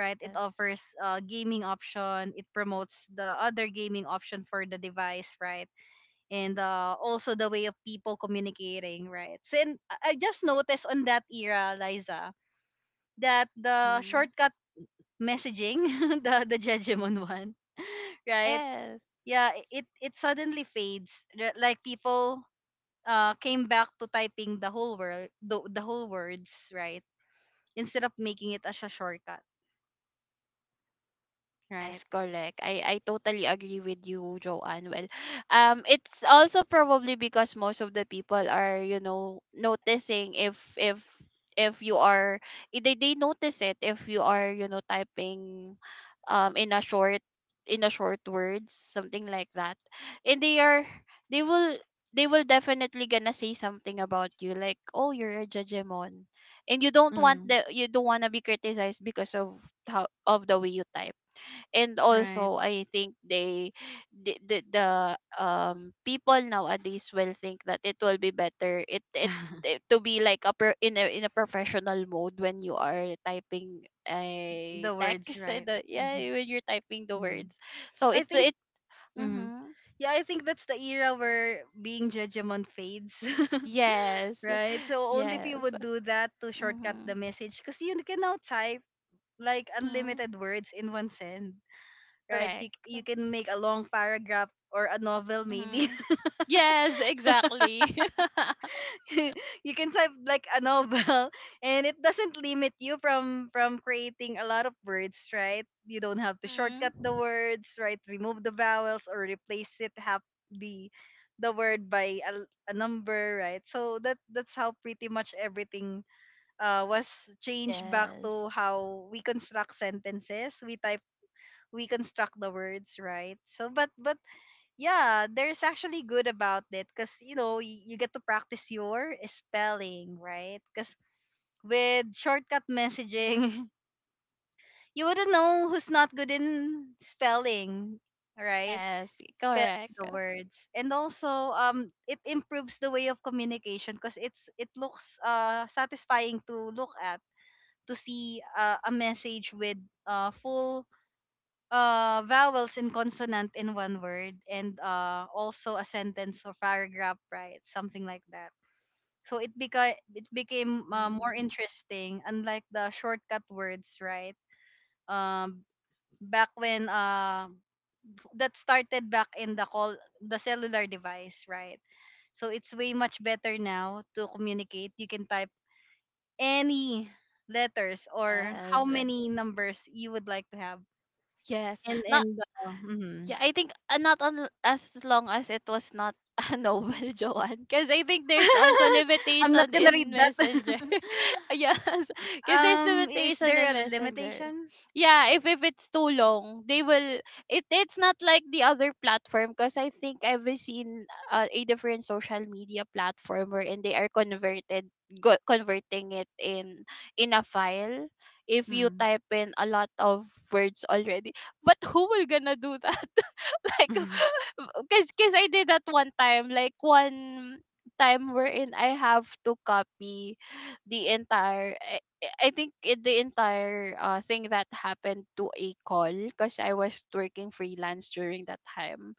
right? It
Yes.
offers gaming option, it promotes the other gaming option for the device, right? And also the way of people communicating, right? So and I just noticed on that era, Liza, that the
Mhm.
shortcut messaging, the jejemon one, right?
Yes.
Yeah, it suddenly fades. Like people came back to typing the whole word, the whole words, right? Instead of making it as a shortcut, right?
Yes, correct. I totally agree with you, Joanne. Well, it's also probably because most of the people are, you know, noticing if, if you are, they notice it if you are, you know, typing, um in a short in a short words, something like that. And they are, they will they will definitely gonna say something about you like, oh, you're a judgemon. And you don't want
Mm,
the you don't wanna be criticized because of how of the way you type. And
right.
also I think they the people nowadays will think that it will be better, it to be like a pro, in a, in a professional mode when you are typing a
The words,
text and
right?
yeah,
hmm
when you're typing the
mm
words. So
I
it
think,
it
mhm.
mm-hmm.
Yeah, I think that's the era where being judgment fades,
Yes.
right? So only if you
Yes.
would do that to shortcut
Mm-hmm.
the message, because you can now type like
Mm-hmm.
unlimited words in one send, right?
Correct.
You can make a long paragraph or a novel maybe.
Mm-hmm. Yes, exactly.
You can type like a novel, and it doesn't limit you from creating a lot of words, right? You don't have to shortcut the
Mm-hmm.
words, right, remove the vowels or replace it, have the word by a number, right? So that that's how pretty much everything was changed back
Yes.
to how we construct sentences, we type, we construct the words, right? So but yeah, there's actually good about it, because you know you get to practice your spelling, right? Because with shortcut messaging, you wouldn't know who's not good in spelling, right?
Yes,
Spelling
correct.
the words, and also it improves the way of communication because it looks satisfying to look at, to see a message with full vowels and consonant in one word, and also a sentence or paragraph, right, something like that. So it became, more
Mm,
interesting unlike the shortcut words, right? um Back when that started back in the call, the cellular device, right? So it's way much better now to communicate. You can type any letters or how
yes,
many numbers you would like to have
yes. Not,
in the mhm.
yeah, I think, not on, as long as it was not a Noel, Joanne. Because I think there's also
I'm not
limitation
gonna
in
read that.
Messenger. Yes, because there's
Is
limitation
there
in
a
Messenger.
limitation?
Yeah, if it's too long, they will. It's not like the other platform. Because I think I've seen, a different social media platform wherein they are converted, go, converting it in a file. If you
Hmm.
type in a lot of words already, but who will gonna do that? Like because I did that one time, like one time, wherein I have to copy the entire, I think it, the entire, thing that happened to a call, because I was working freelance during that time,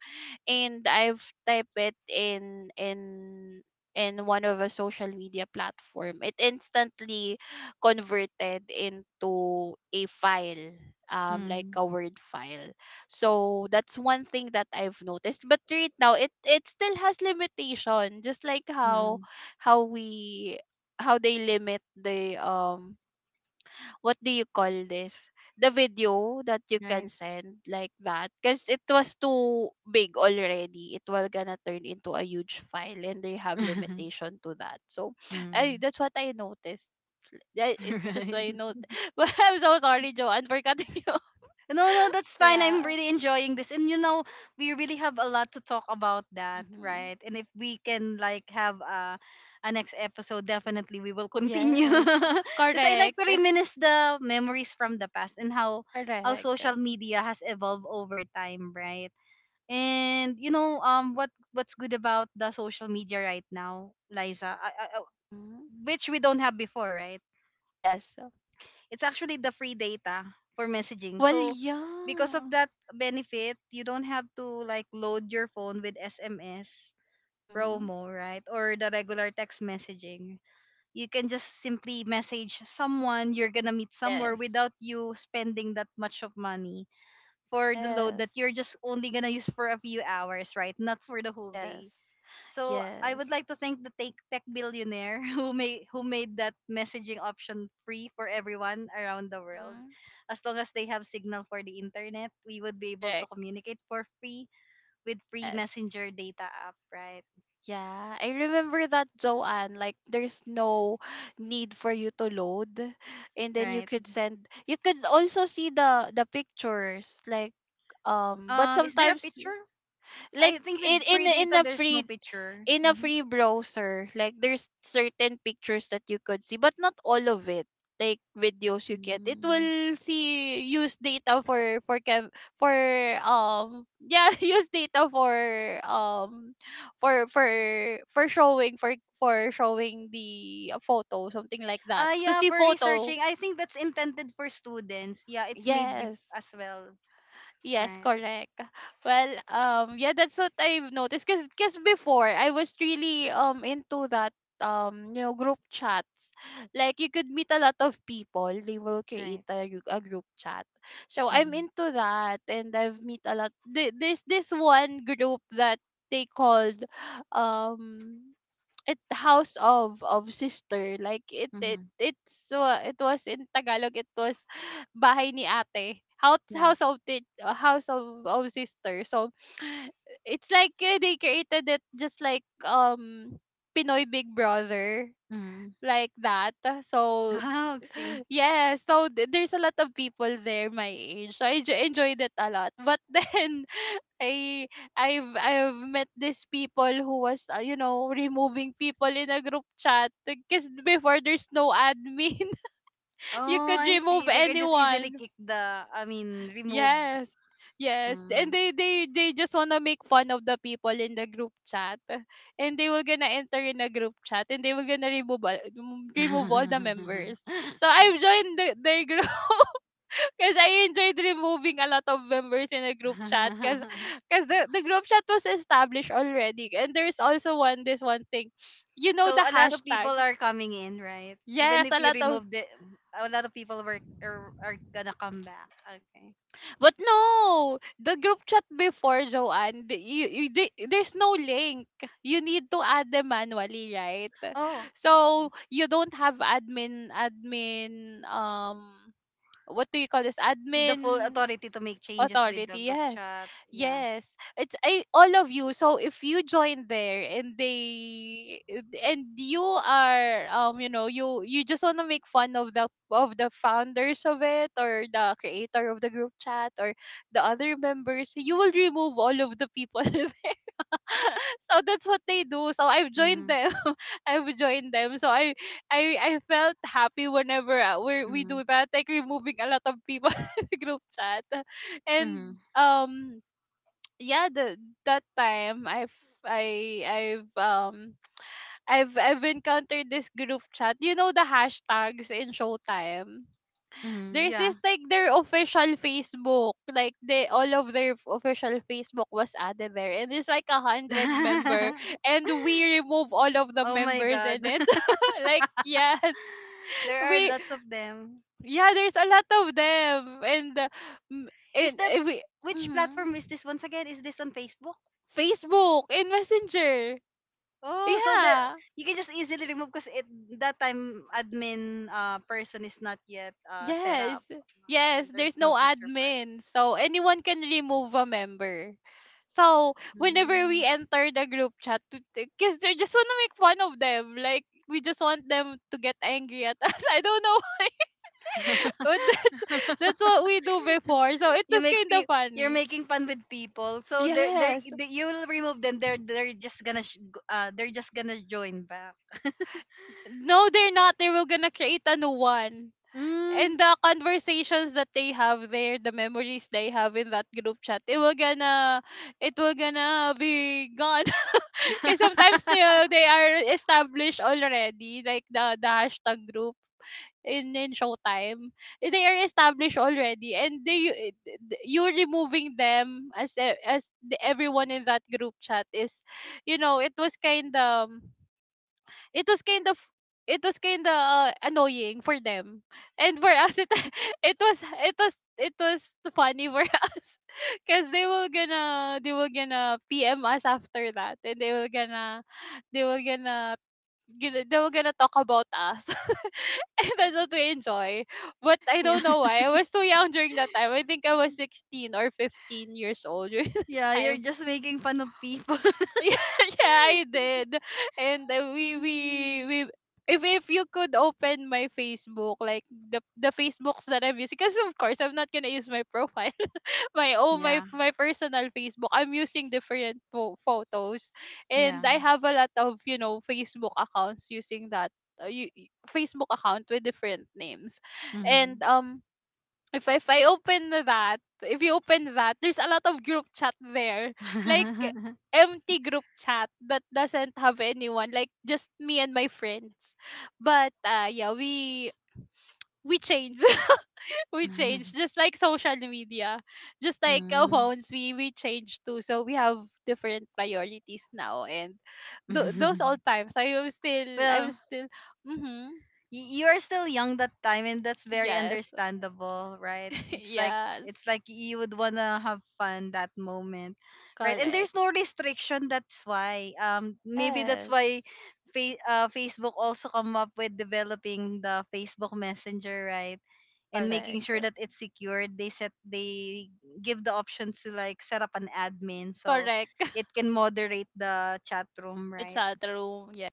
and I've typed it in, one of a social media platform. It instantly converted into a file, like
Hmm.
a Word file. So that's one thing that I've noticed. But right now, it still has limitation, just like how
Hmm.
how we how they limit the, um, what do you call this, the video that you can
Right.
send, like that, because it was too big already, it will gonna turn into a huge file, and they have limitation to that. So
Hmm.
that's what I noticed. Yeah, it's just
Right.
my note. But I'm so sorry, Joanne, for cutting you off.
No, no, that's fine. I'm
Yeah.
really enjoying this, and you know, we really have a lot to talk about that,
Mm-hmm.
right? And if we can like have a next episode, definitely we will continue.
Yes.
Because I like to
Correct.
reminisce the memories from the past and how
Correct.
social media has evolved over time, right? And you know, what what's good about the social media right now, Liza,
Mm-hmm.
which we don't have before, right?
Yes.
It's actually the free data for messaging.
Well,
So because of
yeah.
that benefit, you don't have to like load your phone with SMS
Mm-hmm.
promo, right? Or the regular text messaging. You can just simply message someone you're gonna meet somewhere
Yes.
without you spending that much of money for the load that
Yes.
you're just only gonna use for a few hours, right? Not for the whole day.
Yes.
So I
Yes.
would like to thank the tech billionaire who made that messaging option free for everyone around the world.
Mhm.
As long as they have signal for the internet, we would be able to
Correct.
communicate for free with free
Yes.
messenger data app, right?
Yeah, I remember that, Joanne. Like, there's no need for you to load, and then you
Right.
could send. You could also see the pictures, like. But
Is there a
sometimes,
picture?
like,
I think with free
in
data
a
there's no
free,
picture. Mhm.
browser, like, there's certain pictures that you could see, but not all of it. Like videos you get, it
Mm.
will see use data for cam for yeah use data um for for for showing the photo, something like that,
Ah,
to
yeah,
see
for
photo
researching. I think that's intended for students. Yeah, it's made
yes.
as well.
Yes,
Right.
correct. Well, yeah, that's what I've noticed. 'Cause before I was really into that you know group chats. Like you could meet a lot of people. They will create
Right.
a, a group chat. So I'm
Mm-hmm.
into that, and I've meet a lot. There's this one group that they called um it house of sister, like
Mm-hmm.
it was in Tagalog, it was bahay ni ate, house
Yeah.
house of house of sister. So it's like they created it just like Pinoy Big Brother,
Mm-hmm.
like that. So
Oh, see.
yes, so there's a lot of people there my age, so I enjoyed it a lot, but then I I've met these people who was you know removing people in a group chat because before there's no admin. You
Oh,
could
I
remove
see. They can just easily
anyone.
kick the, I mean, remove.
Yes. Yes, and
Mm.
they just wanna make fun of the people in the group chat, and they were gonna enter in a group chat, and they were gonna remove all the members. So I've joined the, their group. 'Cause I enjoyed removing a lot of members in a group chat, 'cause the group chat was established already. And there's also one this one thing, you know
So
the
a lot of
hashtag?
people are coming in, right? Even
Yes,
if
a
you
lot of,
remove a lot of people were are gonna come back. Okay.
but no! The group chat before, Joanne, there's no link. You need to add them manually, right?
Oh,
So, you don't have what do you call this?
the full
Admin
authority to make changes with the
authority,
group
yes.
chat. Yeah.
Yes, it's I, all of you, so if you join there and they and you are you know you just want to make fun of the founders of it or the creator of the group chat or the other members, you will remove all of the people. So that's what they do, so I've joined
Mm-hmm.
them. I've joined them, so I felt happy whenever we
Mm-hmm.
do that, like removing a lot of people in the group chat. And
Mm-hmm.
um yeah, the that time I've I I've encountered this group chat, you know, the hashtags in Showtime.
Mm-hmm.
There's this
Yeah.
like their official Facebook, like they all of their official Facebook was added there, and there's like a hundred member, and we remove all of the
Oh my
members in
God.
it. Like yes,
There are
we
lots of them.
yeah, there's a lot of them, and m-
Is that
we
which
mhm.
platform is this once again? Is this on Facebook?
Facebook and Messenger,
Oh, so the
yeah.
you can just easily remove because it that time admin person is not yet set up.
Yes.
Okay,
Yes,
there's
there's
no
no
feature for that.
admin. So anyone can remove a member. So whenever we
Mm.
enter the group chat, because they just want to make fun of them. Like we just want them to get angry at us. I don't know. But that's what we do before. So it
you
was
make
kind of
pe- you're
funny.
making fun with people, so
Yes.
you will remove them. They're just gonna sh- g- they're just gonna join back.
No, they're not. They were gonna create a new one. And
Mm.
the conversations that they have there, the memories they have in that group chat, it will gonna be gone. Because sometimes they are established already, like the hashtag group in Showtime. Eh, they are established already, and they you removing them as as the, everyone in that group chat is, you know, it was kind of it was kind of it was kind of annoying for them, and for us it it was it was funny for us, because they will gonna pm us after that, and they will gonna they were gonna talk about us. And that's what we enjoy. But I
Yeah,
don't know why, I was too young during that time. I think I was 16 or 15 years old during the
yeah, you're
time.
just making fun of people.
Yeah, I did. And uh, we we
Mm.
we if you could open my Facebook, like the Facebooks that I'm using, because of course I'm not gonna use my profile, my oh my
Yeah,
my personal Facebook. I'm using different photos,
yeah.
and I have a lot of you know Facebook accounts using that uh, you, Facebook account with different names, and
Mhm.
if I open that, if you open that, there's a lot of group chat there. Like empty group chat that doesn't have anyone, like just me and my friends. But yeah, we change. We change, just like social media. Just like our
Mm.
phones, we change too. So we have different priorities now. And those old times, I
Well,
was still mhm
you are still young that time and that's very
yes.
understandable, right? It's like
Yes.
you would want to have fun that moment. Right? And there's no
Correct.
restriction, that's why. Um, maybe that's
Yes.
why Facebook also come up with developing the Facebook Messenger, right? And making
Correct.
sure that it's secured, they set they give the option to like set up an admin, so
Correct.
it can moderate the chat room,
The
right?
chat room. Yeah.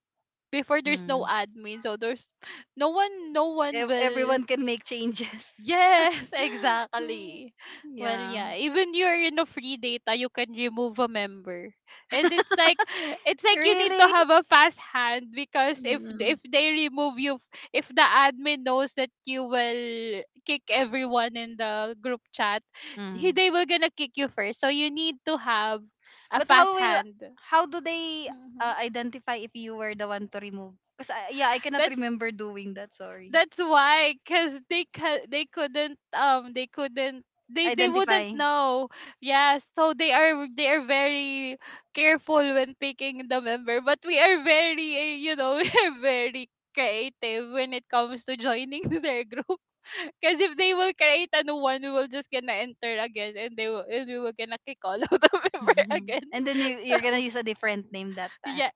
Before there's no
Mm.
admin, so there's no one will,
Everyone can make changes.
yes, exactly. Well,
Yeah.
yeah, even you're in a free data, you can remove a member. And it's like you need to
Really.
have a fast hand, because if
Mm.
they remove you if the admin knows that you will kick everyone in the group chat, he
Mm.
they will gonna kick you first. So you need to have a
But
fast
how will,
hand.
how do they
Mhm.
identify if you were the one to remove, because yeah, I cannot
That's
remember doing that, sorry.
that's why, cause they couldn't they couldn't they wouldn't
Identify.
know. Yeah, so they are very careful when picking the member, but we are very you know we are very creative when it comes to joining their group. Cause if they will create a new one, we will just gonna enter again, and they will and we will gonna kick all of the member again.
And then
So,
you you're gonna use a different name that time
yeah,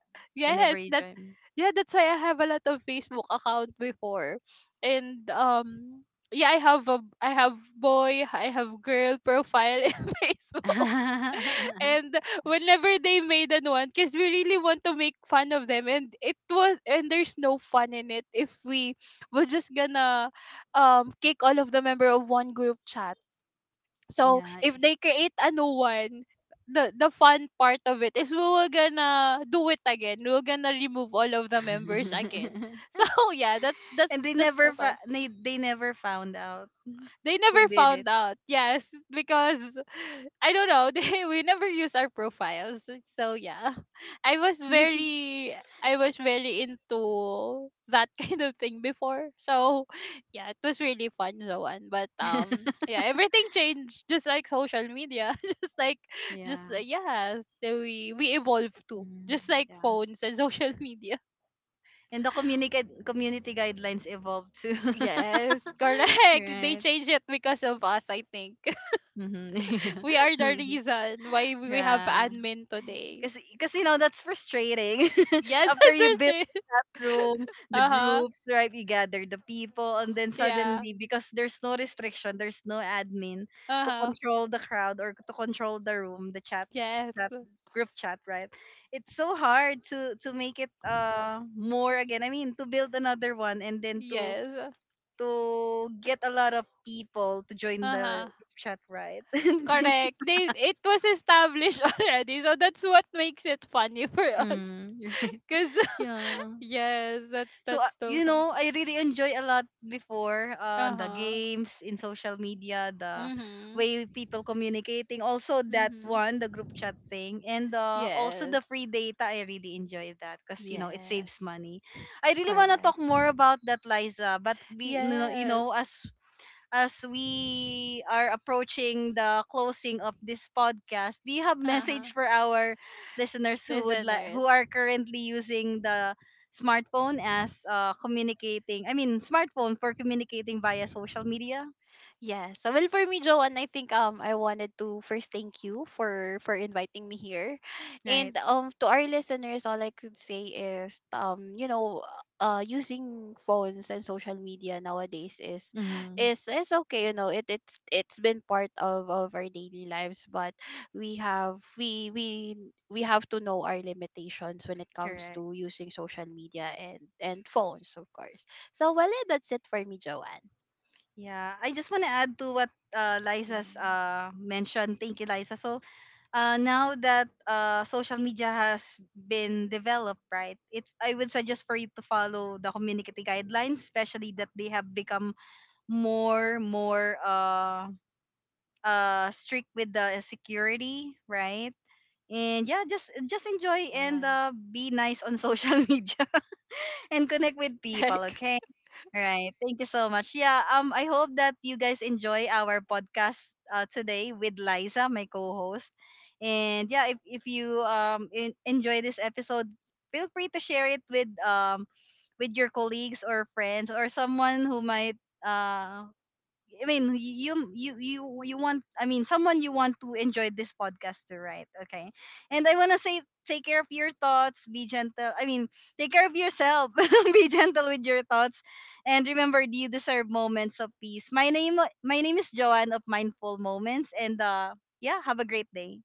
whenever
yes,
you
that's
join.
yeah, that's why I have a lot of Facebook account before. And yeah, I have boy, I have girl profile in Facebook. And whenever they made an one, because we really want to make fun of them, and it was and there's no fun in it if we're just gonna kick all of the member of one group chat. So
Yeah.
if they create a new one, the fun part of it is we will gonna do it again. We're gonna remove all of the members again. So yeah,
And they
that's so
never
fun.
they never found out
They
who
never
did
found
it.
out. Yes, because I don't know. They, we never use our profiles. So yeah, I was very I was very into that kind of thing before. So yeah, it was really fun, Zoan. But yeah, everything changed, just like social media, just
Yeah.
like yes, we evolve too,
Mm,
just like
yeah.
phones and social media.
And the community guidelines evolved too.
Yes, correct. They
Right.
change it because of us, I think.
Mm-hmm.
We are the reason why we have
Yeah.
admin today.
Because you know that's frustrating.
Yes,
After you build
understand.
that room, the
Uh huh.
groups, right? You gather the people, and then
Yeah.
suddenly because there's no restriction, there's no admin
Uh
to
huh.
control the crowd or to control the room, the chat,
Yes.
chat group chat, right? It's so hard to make it more again. I mean, to build another one and then to
Yes.
get a lot of people to join
Uh
the
huh.
group chat, right?
Correct. They it was established already, so that's what makes it funny for us.
Mm, right.
Cause
Yeah.
yes,
So
that's so
you
fun.
know, I really enjoy a lot before
Uh
the
huh.
games in social media, the
Mhm.
way people communicating, also that
Mhm.
one, the group chat thing, and also
Yes.
the free data. I really enjoy that because you know it
Yes.
saves money. I really wanna talk
Correct.
more about that, Liza, but we, you know,
Yes.
as we are approaching the closing of this podcast, do you have
Uh huh.
message for our listeners who would like
Listeners.
who are currently using the smartphone as communicating? I mean, smartphone for communicating via social media,
Yes. So, well, for me, Joanne, I think I wanted to first thank you for inviting me here,
right?
and to our listeners, all I could say is you know using phones and social media nowadays
Mm-hmm.
is okay. You know it's been part of our daily lives, but we have we we we have to know our limitations when it comes
Correct.
to using social media and phones, of course. So, well, yeah, that's it for me, Joanne.
Yeah, I just want to add to what Liza's
Mhm.
mentioned. Thank you, Liza. So, now that social media has been developed, right? It's I would suggest for you to follow the community guidelines, especially that they have become more strict with the security, right? And yeah, just enjoy and
Yes.
be nice on social media, and connect with people,
Correct.
okay? Right. Thank you so much. Yeah, um, I hope that you guys enjoy our podcast today with Liza, my co-host. And yeah, if you enjoy this episode, feel free to share it with your colleagues or friends or someone who might uh I mean, you want I mean someone you want to enjoy this podcast to, right? Okay, and I wanna say take care of your thoughts, be gentle. I mean, take care of yourself, be gentle with your thoughts, and remember you deserve moments of peace. My name is Joanne of Mindful Moments, and yeah, have a great day.